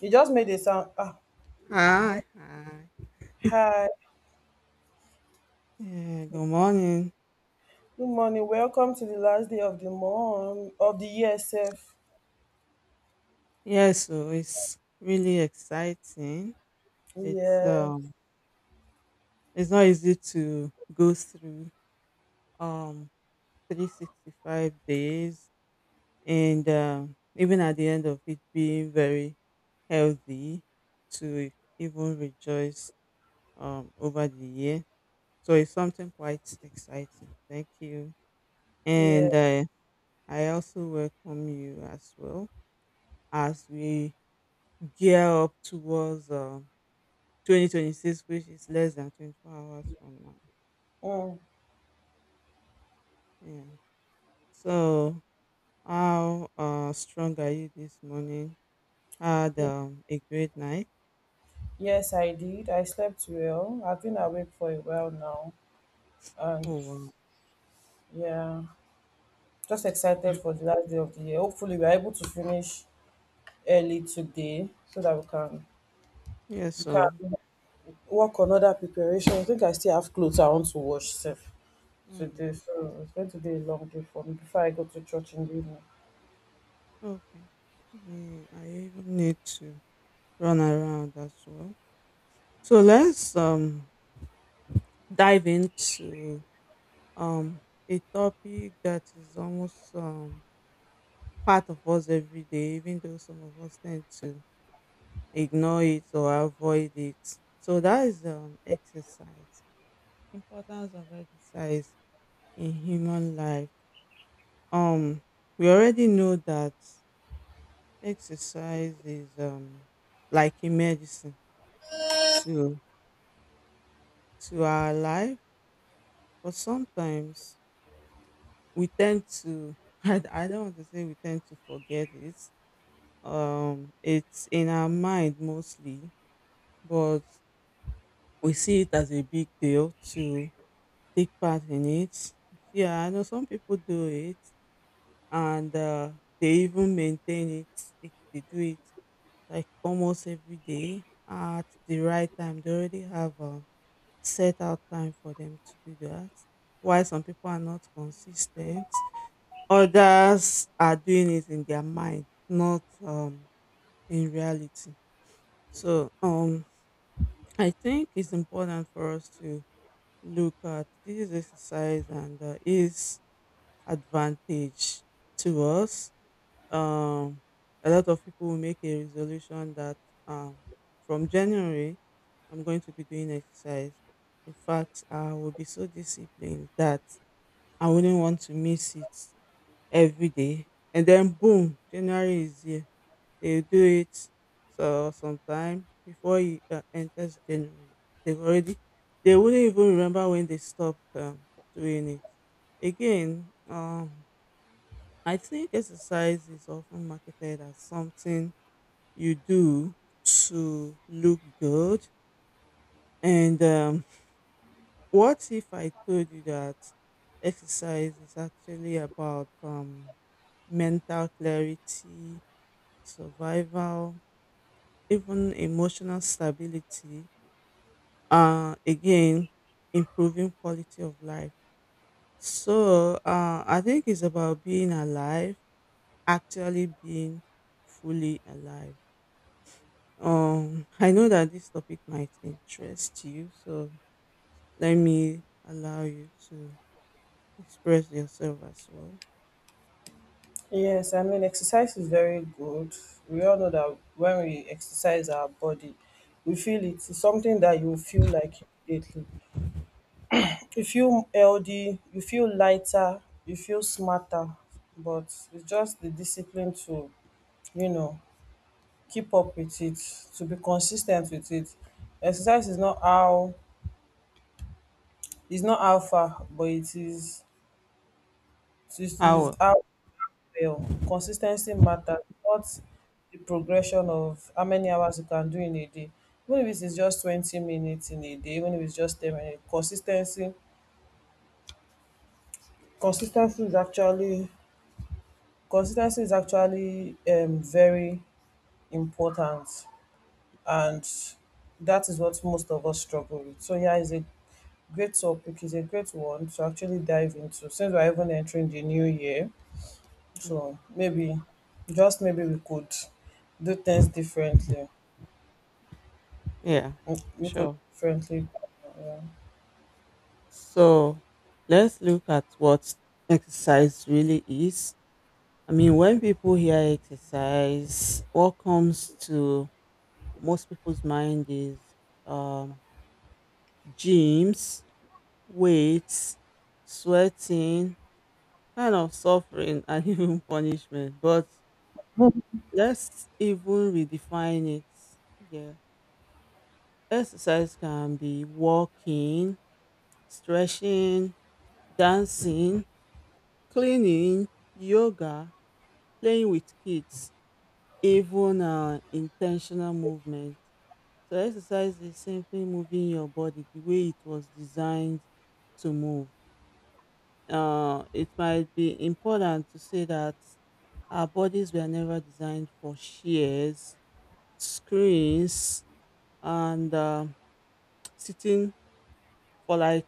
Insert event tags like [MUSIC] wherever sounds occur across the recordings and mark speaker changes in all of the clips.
Speaker 1: You just made a sound. You
Speaker 2: Hi,
Speaker 1: know.
Speaker 2: hi.
Speaker 1: Hi,
Speaker 2: Yeah, good morning.
Speaker 1: good morning. Welcome to the last day of the month of the year, self.
Speaker 2: Yeah, so it's really exciting. It's
Speaker 1: Yeah,
Speaker 2: um it's not easy to go through um 365 days, and even at the end of it being very healthy to even rejoice over the year. So it's something quite exciting. Thank you.
Speaker 1: yeah.
Speaker 2: And I also welcome you as well as we gear up towards 2026, which is less than 24 hours from now.
Speaker 1: Mm.
Speaker 2: Yeah. So, how strong are you this morning? Had
Speaker 1: Ye-
Speaker 2: a great night.
Speaker 1: Yes, I did. I slept well. I've been awake for a while now, and
Speaker 2: Oh, wow.
Speaker 1: yeah, just excited for the last day of the year. Hopefully, we're able to finish early today so that we can
Speaker 2: Yeah,
Speaker 1: we can
Speaker 2: so,
Speaker 1: work on other preparation. I think I still have clothes I want to wash, self, today,
Speaker 2: mm,
Speaker 1: so it's going to be a long day for me before I go to church in the evening.
Speaker 2: okay. Me, I even need to run around as well. So, let's dive into um, a topic that is almost part of us every day, even though some of us tend to ignore it or avoid it. So that is exercise. Importance of exercise in human life. Um we already know that exercise is like a medicine to to our life, but sometimes we tend to [LAUGHS] I don't want to say we tend to forget it. It's in our mind mostly, but we see it as a big deal to take part in it. Yeah, I know some people do it and they even maintain it. They do it like almost every day at the right time. They already have a set out time for them to do that. Why some people are not consistent, others are doing it in their mind, not in reality. So, I think it's important for us to look at this exercise and is advantage to us. Um, a lot of people will make a resolution that um, from January, I'm going to be doing exercise. In fact, I will be so disciplined that I wouldn't want to miss it every day. And then, boom, January is here. They do it so sometime before it enters January. They've already, they wouldn't even remember when they stopped doing it. Again, I think exercise is often marketed as something you do to look good. And what if I told you that exercise is actually about mental clarity, survival, even emotional stability? Again, improving quality of life. So I think it's about being alive, actually being fully alive. I know that this topic might interest you, so let me allow you to express yourself as well.
Speaker 1: Yes, I mean, exercise is very good. We all know that when we exercise our body, we feel it. It's something that you feel like immediately. You feel healthy, you feel lighter, you feel smarter, but it's just the discipline to, you know, keep up with it, to be consistent with it. Exercise is not how, it's not alpha, but it is, it
Speaker 2: How?
Speaker 1: is
Speaker 2: Well?
Speaker 1: how fail. Consis matters, not the progression of how many hours you can do in a day. Even if it is just 20 minutes in a day, even if it's just 10 minutes, consistency ten is actually consistency is actually very important, and that is what most of us struggle with. So yeah, it's a great topic, it's a great one to actually dive into since we're even entering the new year. So
Speaker 2: Mm,
Speaker 1: maybe just maybe we could do things differently.
Speaker 2: yeah,
Speaker 1: Mm, you could
Speaker 2: sure.
Speaker 1: friendly. Yeah.
Speaker 2: So let's look at what exercise really is. I mean, when people hear exercise, what comes to most people's mind is um, gyms, weights, sweating, kind of suffering, and [LAUGHS] even punishment. But let's even redefine it. Yeah. Exercise can be walking, stretching, dancing, cleaning, yoga, playing with kids, even intentional movement. So, exercise is simply moving your body the way it was designed to move. It might be important to say that our bodies were never designed for shears, screens, and sitting for like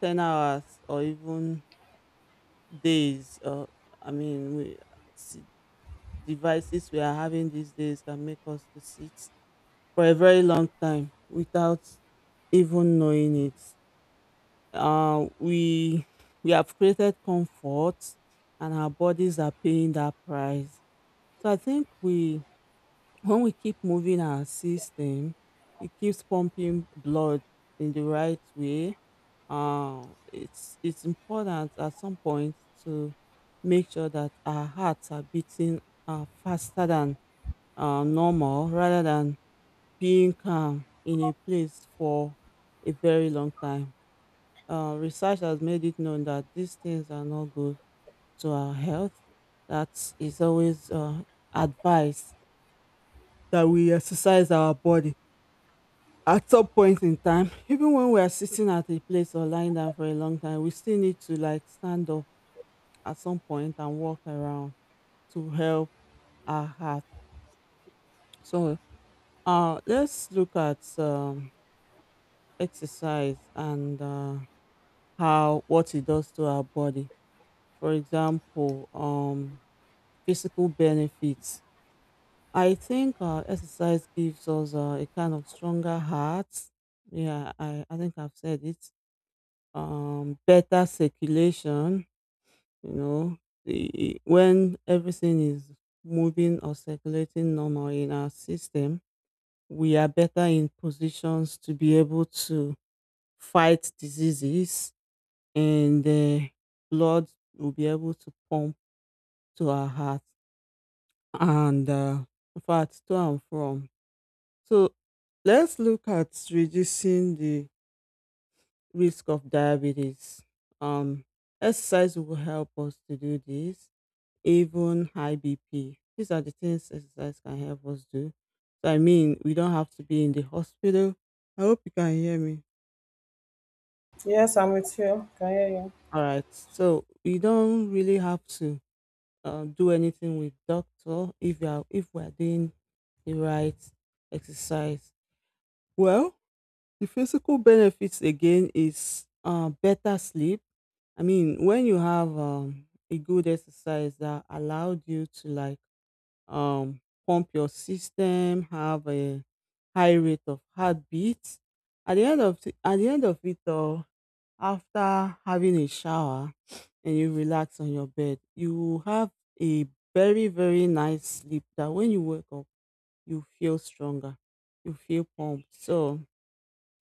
Speaker 2: 10 hours or even days, I mean we see, devices we are having these days can make us to sit for a very long time without even knowing it. Uh, we we have created comfort and our bodies are paying that price. So I think we when we keep moving our system, it keeps pumping blood in the right way. It's important at some point to make sure that our hearts are beating faster than normal rather than being calm in a place for a very long time. Research has made it known that these things are not good to our health. That is always advised that we exercise our body at some point in time, even when we are sitting at a place or lying down for a long time, we still need to like stand up at some point and walk around to help our heart. So let's look at exercise and how what it does to our body. For example, physical benefits. I think exercise gives us a kind of stronger heart. Yeah, I think I've said it. Better circulation. You know, the, when everything is moving or circulating normal in our system, we are better in positions to be able to fight diseases and blood will be able to pump to our heart and in fact to and from. So let's look at reducing the risk of diabetes. Um, exercise will help us to do this, even high BP. These are the things exercise can help us do. So I mean, we don't have to be in the hospital. I hope you can hear me.
Speaker 1: Yes, I'm with you. Can hear you.
Speaker 2: All right. So we don't really have to do anything with doctor if we are doing the right exercise. Well, the physical benefits again is better sleep. I mean, when you have a good exercise that allowed you to like um, pump your system, have a high rate of heartbeat. At the end of it all, after having a shower and you relax on your bed, you will have a very very nice sleep. That when you wake up, you feel stronger, you feel pumped. So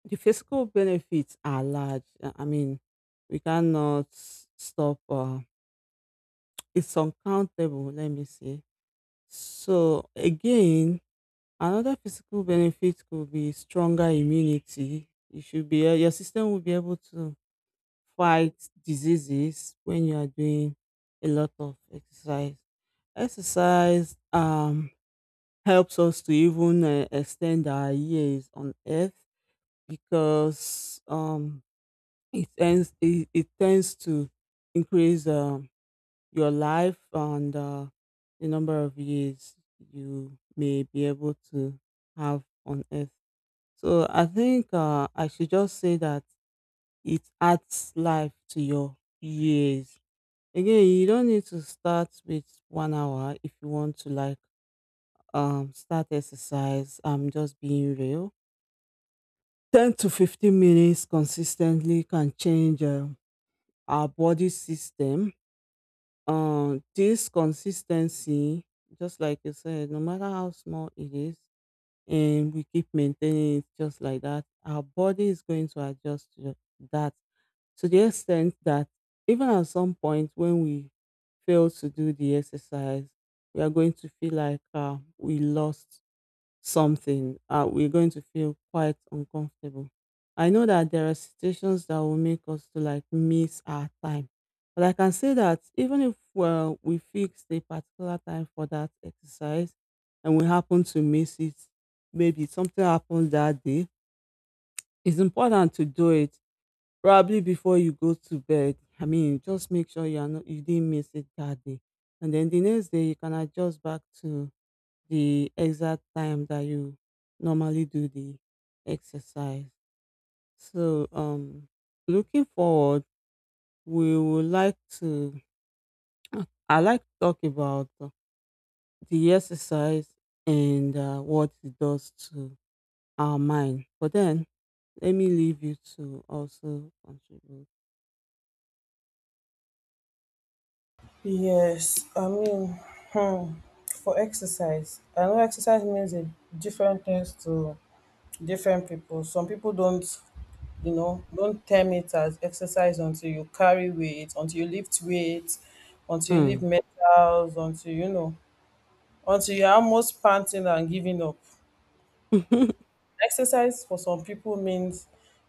Speaker 2: the physical benefits are large. I mean, we cannot stop. It's uncountable. Let me say. So again, another physical benefit could be stronger immunity. Your system will be able to fight diseases when you are doing a lot of exercise. Exercise helps us to even extend our years on earth because it tends to increase your life and the number of years you may be able to have on earth. So I think I should just say that it adds life to your years. Again, you don't need to start with 1 hour if you want to like start exercise. I'm just being real. 10 to 15 minutes consistently can change our body system. This consistency, just like you said, no matter how small it is, and we keep maintaining it just like that, our body is going to adjust to that to the extent that even at some point when we fail to do the exercise, we are going to feel like we lost something. We're going to feel quite uncomfortable. I know that there are situations that will make us to like miss our time. But I can say that even if, well, we fixed a particular time for that exercise and we happen to miss it, maybe something happened that day, it's important to do it probably before you go to bed. I mean, just make sure you are not, you didn't miss it that day. And then the next day you can adjust back to the exact time that you normally do the exercise. So looking forward, we would like to I like to talk about the exercise and what it does to our mind. But then let me leave you to also contribute.
Speaker 1: Yes, I mean, hmm, for exercise, I know exercise means a different things to different people. Some people don't, don't term it as exercise until you carry weight, until you lift weight, until you lift
Speaker 2: Mm.
Speaker 1: metals, until you know, until you're almost panting and giving up.
Speaker 2: [LAUGHS]
Speaker 1: Exercise for some people means,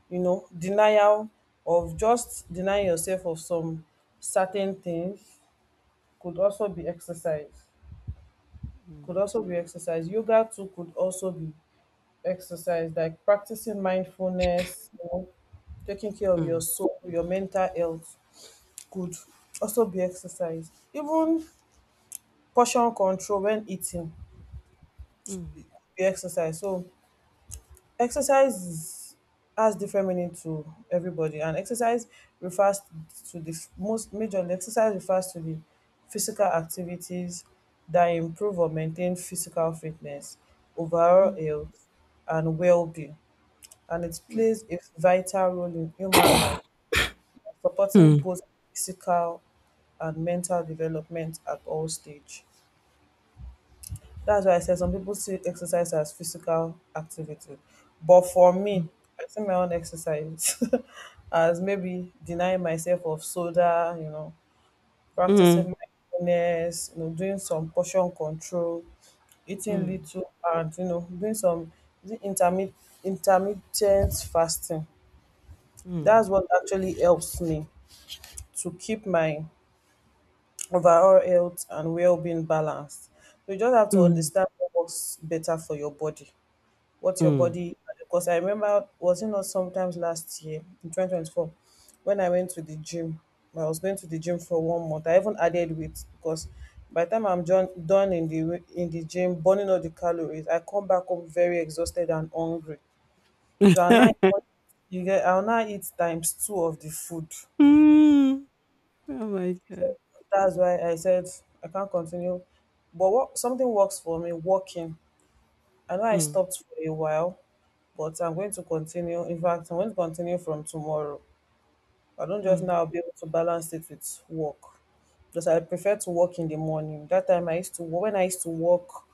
Speaker 1: you know, denial of just denying yourself of some certain things could also be exercise. Could
Speaker 2: Mm.
Speaker 1: also be exercise. Yoga too could also be exercise, like practicing mindfulness, you know, taking care of your
Speaker 2: Mm.
Speaker 1: soul, your mental health could also be exercise. Even portion control when eating
Speaker 2: Mm. [LAUGHS]
Speaker 1: be exercise. So exercise is, has different meaning to everybody, and exercise refers to the most majorly exercise refers to the physical activities that improve or maintain physical fitness, overall
Speaker 2: Mm,
Speaker 1: health, and well-being. And it
Speaker 2: mm.
Speaker 1: plays a vital role in human life,
Speaker 2: [COUGHS]
Speaker 1: supporting
Speaker 2: Mm,
Speaker 1: both physical and mental development at all stage. That's why I said some people see exercise as physical activity. But for me,
Speaker 2: mm,
Speaker 1: I see my own exercise [LAUGHS] as maybe denying myself of soda, you know, practicing mindfulness, you know, doing some portion control, eating
Speaker 2: mm,
Speaker 1: little and, you know, doing some is it intermittent fasting.
Speaker 2: mm,
Speaker 1: That's what actually helps me to keep my overall health and well being balanced. You just have to
Speaker 2: mm,
Speaker 1: understand what works better for your body. What your
Speaker 2: mm.
Speaker 1: body, because I remember was it not sometimes last year in 2024 when I went to the gym. I was going to the gym for 1 month. I even added weight because by the time I'm done in the in the gym burning all the calories, I come back home very exhausted and hungry. So
Speaker 2: [LAUGHS]
Speaker 1: you get I'll now eat times two of the food. So
Speaker 2: Mm. Oh my god.
Speaker 1: that's why I said I can't continue. But what something works for me, walking. I know I
Speaker 2: Mm,
Speaker 1: stopped for a while, but I'm going to continue. In fact, I'm going to continue from tomorrow. I don't just
Speaker 2: mm,
Speaker 1: now be able to balance it with work because I prefer to work in the morning. That time I used to when I used to walk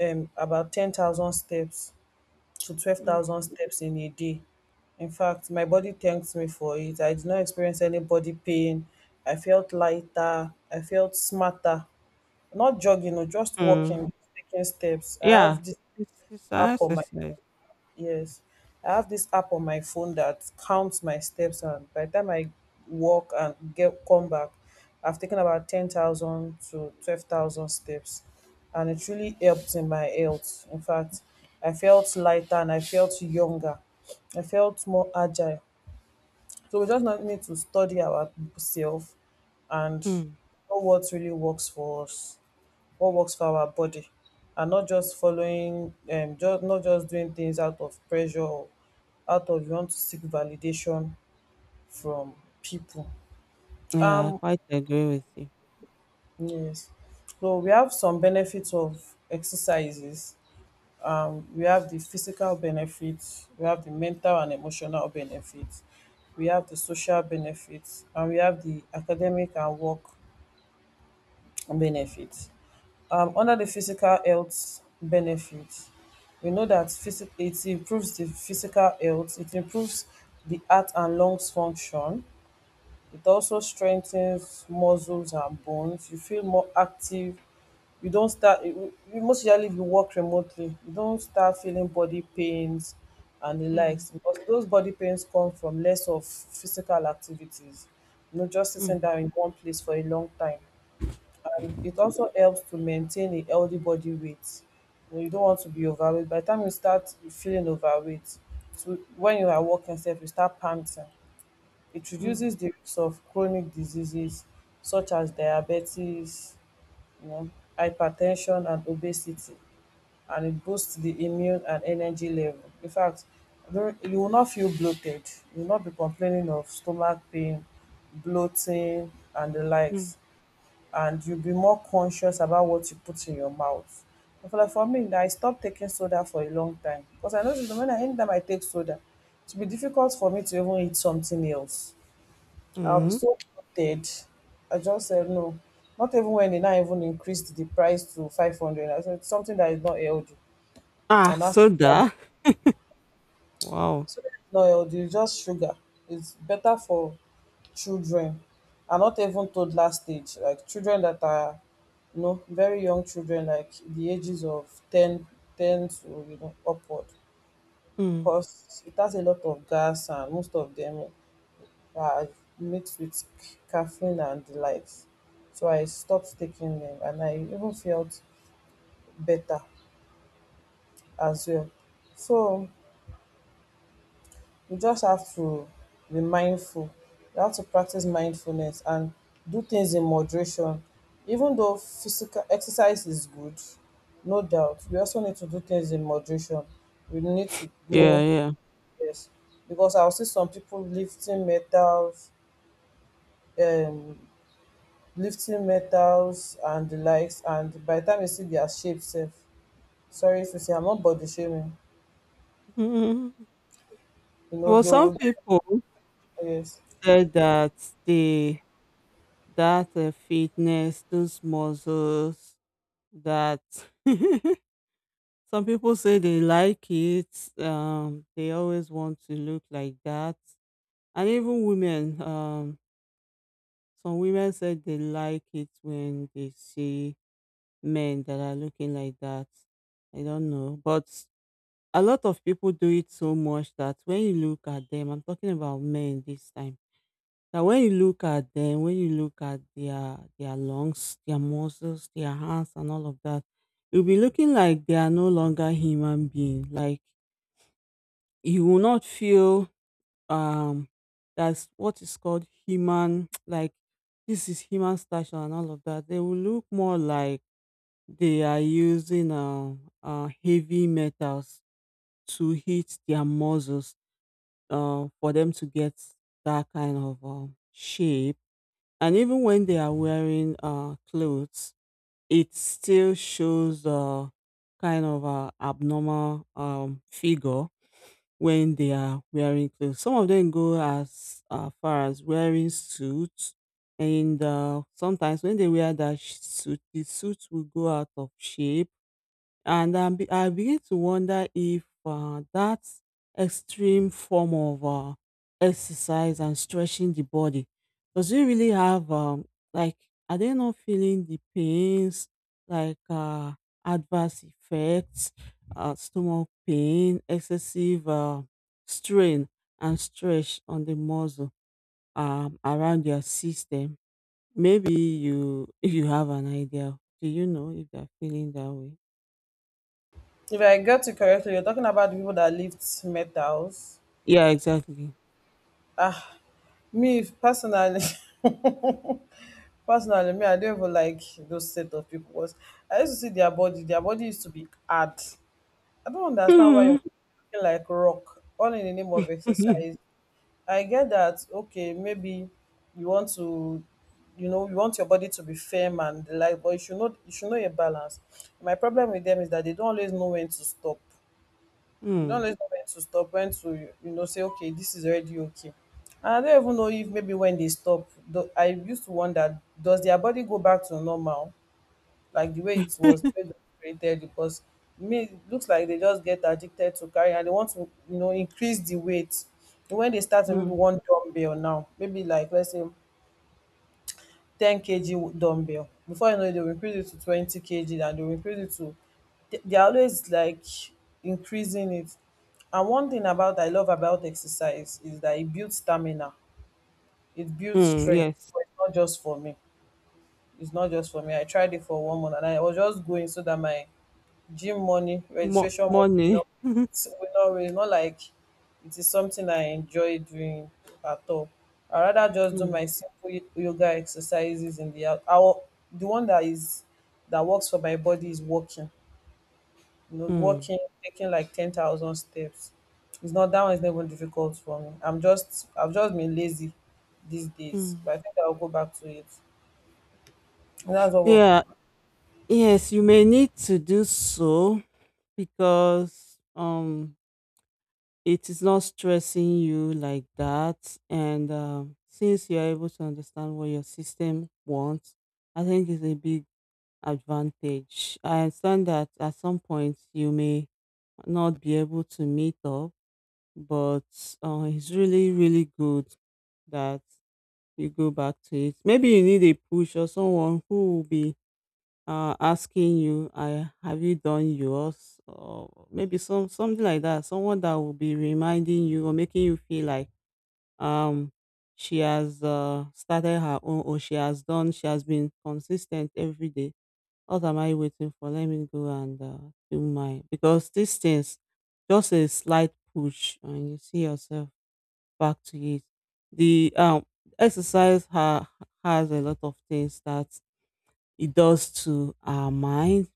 Speaker 1: about 10,000 steps to twelve
Speaker 2: mm,
Speaker 1: thousand steps in a day. In fact, my body thanks me for it. I did not experience any body pain. I felt lighter. I felt smarter. Not jogging, or just
Speaker 2: mm.
Speaker 1: walking, taking steps. I
Speaker 2: Yeah,
Speaker 1: have this
Speaker 2: it's an
Speaker 1: app on my—
Speaker 2: exercise.
Speaker 1: Yes, I have this app on my phone that counts my steps, and by the time I walk and get come back, I've taken about 10,000 to 12,000 steps, and it really helped in my health. In fact, I felt lighter and I felt younger. I felt more agile. So we just not need to study our self and
Speaker 2: Mm.
Speaker 1: know what really works for us, what works for our body, and not just following just not just doing things out of pressure or out of you want to seek validation from people.
Speaker 2: Yeah, I
Speaker 1: um
Speaker 2: quite agree with you.
Speaker 1: yes, so we have some benefits of exercises. We have the physical benefits, we have the mental and emotional benefits, we have the social benefits, and we have the academic and work benefits. Under the physical health benefits, we know that it improves the physical health, it improves the heart and lungs function, it also strengthens muscles and bones, you feel more active. You don't start most usually if you work remotely you don't start feeling body pains and the
Speaker 2: Mm,
Speaker 1: likes, because those body pains come from less of physical activities, you know, just sitting
Speaker 2: mm,
Speaker 1: down in one place for a long time. It also helps to maintain a healthy body weight. You know, you don't want to be overweight. By the time you start feeling overweight, so when you are walking self, you start panting. It
Speaker 2: mm,
Speaker 1: reduces the risk of chronic diseases such as diabetes, you know, hypertension and obesity, and it boosts the immune and energy level. In fact, there- you will not feel bloated. You will not be complaining of stomach pain, bloating, and the
Speaker 2: mm,
Speaker 1: likes, and you'll be more conscious about what you put in your mouth. But for, like for me, I stopped taking soda for a long time because I noticed that when I anytime I take soda, it will be difficult for me to even eat something else. I'll be
Speaker 2: mm.
Speaker 1: so bloated. I just said no. Not even when they now even increased the price to 500. I said something that is not healthy.
Speaker 2: Ah,
Speaker 1: And that's—
Speaker 2: soda. Wow.
Speaker 1: so no, it's just sugar. It's better for children and not even toddler stage, like children that are, you know, very young children, like the ages of 10, 10 to, you know, upward.
Speaker 2: Mm.
Speaker 1: Because it has a lot of gas and most of them are mixed with caffeine and the likes. So I stopped taking them and I even felt better as well. So you just have to be mindful. You have to practice mindfulness and do things in moderation. Even though physical exercise is good, no doubt, we also need to do things in moderation. We need to
Speaker 2: Yeah,
Speaker 1: know,
Speaker 2: yeah.
Speaker 1: yes, because I'll see some people um, lifting metals and the likes, and by the time you see their shape, sef, sorry if you say I'm not body shaming,
Speaker 2: Mm.
Speaker 1: you know
Speaker 2: Well,
Speaker 1: they
Speaker 2: some
Speaker 1: would—
Speaker 2: people
Speaker 1: yes.
Speaker 2: said that the that fitness, those muscles, that [LAUGHS] some people say they like it. They always want to look like that, and even women. Some women said they like it when they see men that are looking like that. I don't know, but a lot of people do it so much that when you look at them, I'm talking about men this time. Now, when you look at them, when you look at their lungs, their muscles, their hands, and all of that, you'll be looking like they are no longer human being. Like you will not feel um that's what is called human. [TSK] Like this is human stature and all of that. They will look more like they are using heavy metals to hit their muscles for them to get that kind of shape, and even when they are wearing clothes, it still shows kind of a abnormal figure when they are wearing clothes. Some of them go as far as wearing suits, and sometimes when they wear that suit, the suit will go out of shape and I begin to wonder if that extreme form of exercise and stretching the body, does it really have like, are they not feeling the pains like adverse effects, stomach pain, excessive strain and stretch on the muscle around your system? Maybe you, if you have an idea, do you know if they're feeling that way?
Speaker 1: If I got you correctly, you're talking about the people that lift metals.
Speaker 2: Yeah, exactly.
Speaker 1: Ah, me if- personally, [LAUGHS] personally, me I don't even like those set of people. Was I used to see their body. Their body used to be hard. I don't understand why you're
Speaker 2: Mhm. Mhm.
Speaker 1: looking like rock, all in the name of exercise.
Speaker 2: [LAUGHS]
Speaker 1: I get that. Okay, maybe you want to, you know, you want your body to be firm and the like, but you should know your balance. My problem with them is that they don't always know when to stop. You don't
Speaker 2: Mm.
Speaker 1: let when to stop, when to, you know, say, okay, this is already okay. And I don't even know if maybe when they stop, I used to wonder, does their body go back to normal, like the way it was when they were created? Because me, it looks like they just get addicted to carrying and they want to, you know, increase the weight. And when they start with maybe
Speaker 2: Mm.
Speaker 1: one dumbbell now, maybe like, let's say, 10 kg dumbbell, before you know it they will increase it to 20 kg, and they will increase it to they are always like increasing it. And one thing about I love about exercise is that it builds stamina, it builds
Speaker 2: Mm, [LAUGHS]
Speaker 1: strength,
Speaker 2: yes.
Speaker 1: but it's not just for me it's not just for me I tried it for 1 month and I was just going so that my gym money
Speaker 2: Mo
Speaker 1: registration money will
Speaker 2: money.
Speaker 1: not
Speaker 2: [LAUGHS]
Speaker 1: raise, not like it is something I enjoy doing at all. I rather just do
Speaker 2: Mm.
Speaker 1: my simple yoga exercises in the out. The one that works for my body is walking, you know,
Speaker 2: Mm.
Speaker 1: walking, taking like 10,000 steps. It's not that — one is not even difficult for me. I'm just — I've just been lazy these days,
Speaker 2: Mm.
Speaker 1: but I think I'll go back to it. That's all.
Speaker 2: Yeah. Yes, you may need to do so because, it is not stressing you like that, and, since you're able to understand what your system wants, I think it's a big advantage. I understand that at some point you may not be able to meet up, but it's really good that you go back to it. Maybe you need a push or someone who will be asking you, I have you done yours, or maybe something like that, someone that will be reminding you or making you feel like um she has started her own, or she has done, she has been consistent every day. What am I waiting for? Let me go and do mine, because these things, just a slight push and you see yourself back to it. The exercise ha- has a lot of things that it does to our mind.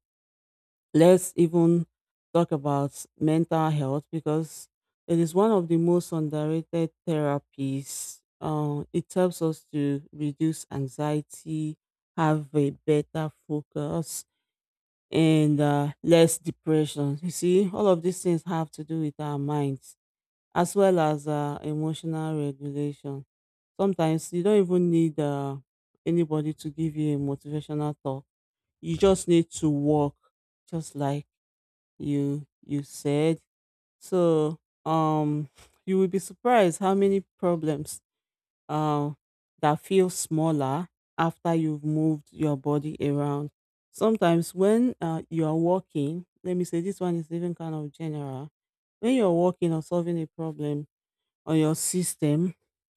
Speaker 2: Let's even talk about mental health, because it is one of the most underrated therapies. It helps us to reduce anxiety, have a better focus, and less depression. You see, all of these things have to do with our minds, as well as emotional regulation. Sometimes you don't even need anybody to give you a motivational talk. You just need to walk, just like you said. So um, you will be surprised how many problems uh, that feel smaller after you've moved your body around. Sometimes when you are walking, let me say this one is even kind of general. When you're walking or solving a problem on your system,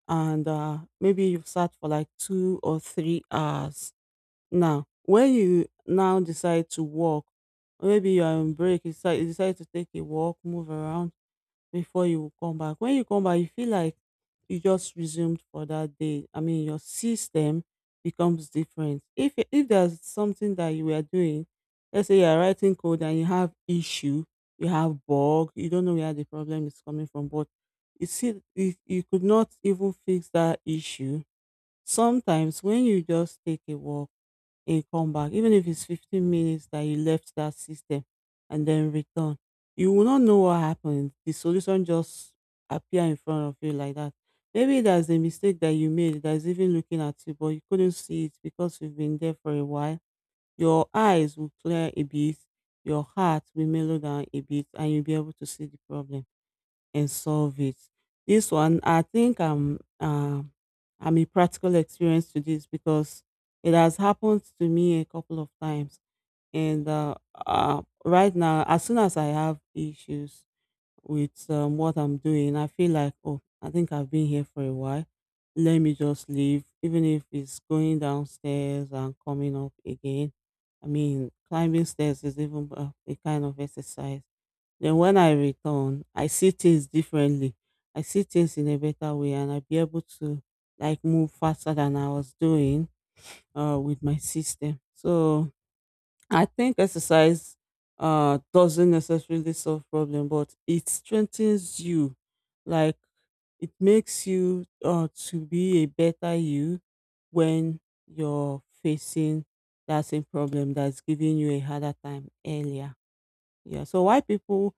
Speaker 2: and maybe you've sat for like 2 or 3 hours. Now, when you now decide to walk, or maybe you're on break, you decide to take a walk, move around, before you come back. When you come back, you feel like you just resumed for that day. I mean, your system becomes different. If there's something that you were doing, let's say you're writing code and you have issue, you have bug, you don't know where the problem is coming from, but you see, you could not even fix that issue. Sometimes when you just take a walk and come back, even if it's 15 minutes that you left that system and then return, you will not know what happened. The solution just appear in front of you like that. Maybe there's a mistake that you made that's even looking at you, but you couldn't see it because you've been there for a while. Your eyes will clear a bit, your heart will mellow down a bit, and you'll be able to see the problem and solve it. This one, I think I'm a practical experience to this, because it has happened to me a couple of times. And Right now, as soon as I have issues with what I'm doing, I feel like, oh, I think I've been here for a while. Let me just leave, even if it's going downstairs and coming up again. I mean, climbing stairs is even a kind of exercise. Then when I return, I see things differently. I see things in a better way, and I'll be able to like move faster than I was doing with my system. So I think exercise doesn't necessarily solve problem, but it strengthens you. Like it makes you to be a better you when you're facing that same problem that's giving you a harder time earlier. Yeah. So why people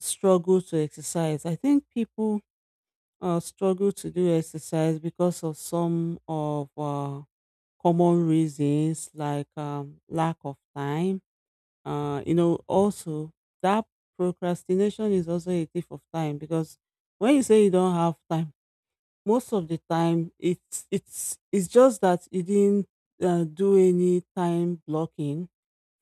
Speaker 2: struggle to exercise? I think people struggle to do exercise because of some of common reasons like lack of time. You know, also that procrastination is also a thief of time, because when you say you don't have time, most of the time it's just that you didn't do any time blocking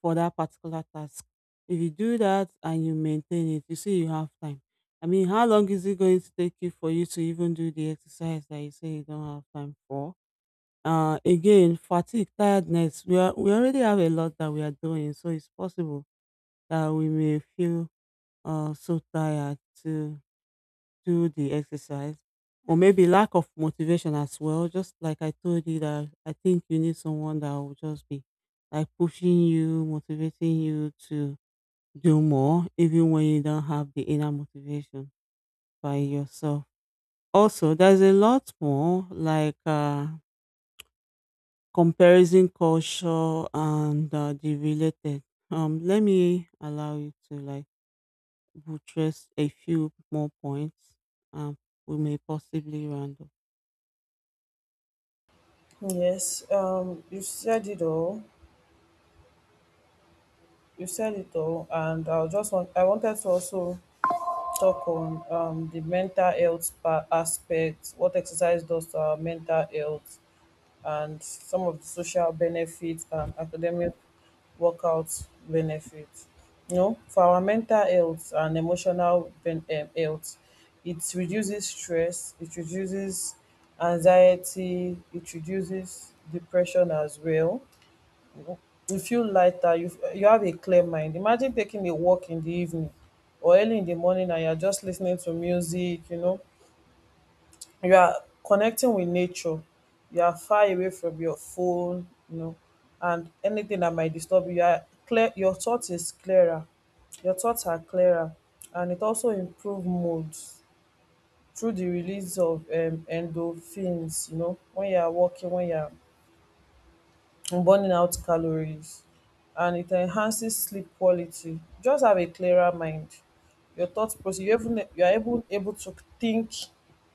Speaker 2: for that particular task. If you do that and you maintain it, you see you have time. I mean, how long is it going to take you for you to even do the exercise that you say you don't have time for? Again, fatigue, tiredness. We already have a lot that we are doing, so it's possible that we may feel so tired to do the exercise, or maybe lack of motivation as well. Just like I told you that I think you need someone that will just be like pushing you, motivating you to do more even when you don't have the inner motivation by yourself. Also, there's a lot more like comparison culture and the related. Let me allow you to like buttress a few more points. Um, we may possibly round up.
Speaker 1: Yes, you said it all. You said it all, and I wanted to also talk on the mental health aspect, what exercise does to our mental health and some of the social benefits and academic workout benefits. You know, for our mental health and emotional health, it reduces stress, it reduces anxiety, it reduces depression as well. You feel lighter, you have a clear mind. Imagine taking a walk in the evening or early in the morning and you're just listening to music, you know, you are connecting with nature, you are far away from your phone, you know, and anything that might disturb you. You are clear your thought is clearer your thoughts are clearer, and it also improve mood through the release of endorphins. You know, when you are walking, when you are and burning out calories, and it enhances sleep quality. Just have a clearer mind. Your thought process, you even you are able to think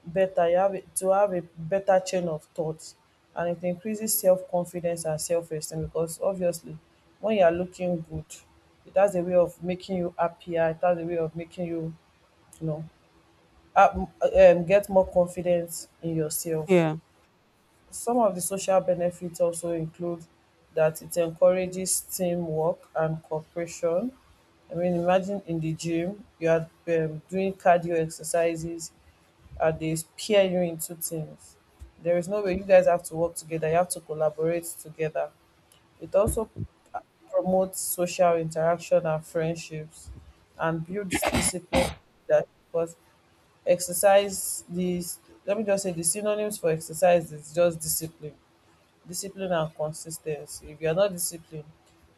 Speaker 1: better. To have a better chain of thoughts, and it increases self confidence and self esteem because obviously, when you are looking good, it has a way of making you happier. It has a way of making you, you know, get more confidence in yourself.
Speaker 2: Yeah.
Speaker 1: Some of the social benefits also include that it encourages teamwork and cooperation. I mean, imagine in the gym, you are doing cardio exercises and they pair you into teams. There is no way — you guys have to work together, you have to collaborate together. It also promotes social interaction and friendships and builds discipline, that because exercise these — let me just say the synonyms for exercise is just discipline, discipline and consistency. If you are not disciplined,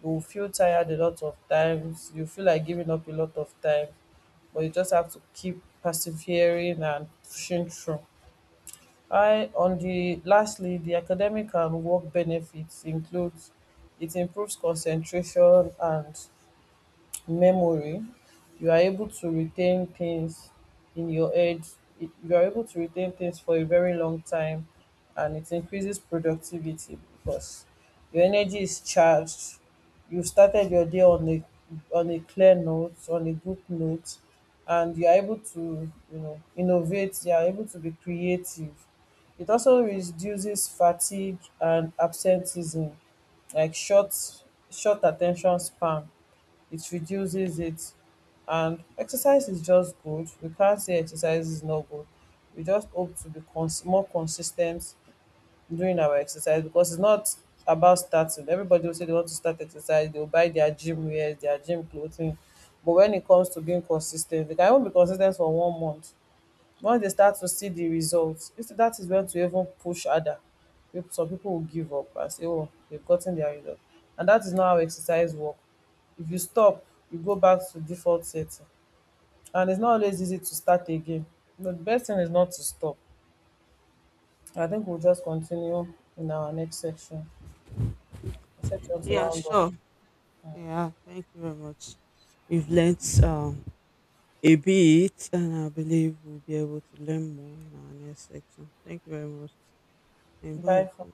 Speaker 1: you will feel tired a lot of times, you feel like giving up a lot of times, but you just have to keep persevering and pushing through. I on the lastly the academic and work benefits includes it improves concentration and memory. You are able to retain things in your head, you are able to retain things for a very long time. And it increases productivity because your energy is charged. You started your day on a — on a clear note, on a good note, and you are able to, you know, innovate, you are able to be creative. It also reduces fatigue and absenteeism, like short attention span, it reduces it. And exercise is just good. We can't say exercise is not good. We just hope to be more consistent during our exercise because it's not about starting. Everybody will say they want to start exercise, they'll buy their gym wear, their gym clothing. But when it comes to being consistent, they can even be consistent for one month. Once they start to see the results, result, that is when to even push harder. Some people will give up and say, oh, they've gotten their result, and that is not how exercise work. If you stop, you go back to default setting, and it's not always easy to start again. You know, the best thing is not to stop. I think we'll just continue in our next section to
Speaker 2: Yeah.
Speaker 1: round up.
Speaker 2: Sure. Yeah. Thank you very much. We've learnt a bit, and I believe we'll be able to learn more in our next section. Thank you very much. And bye.
Speaker 1: Bye for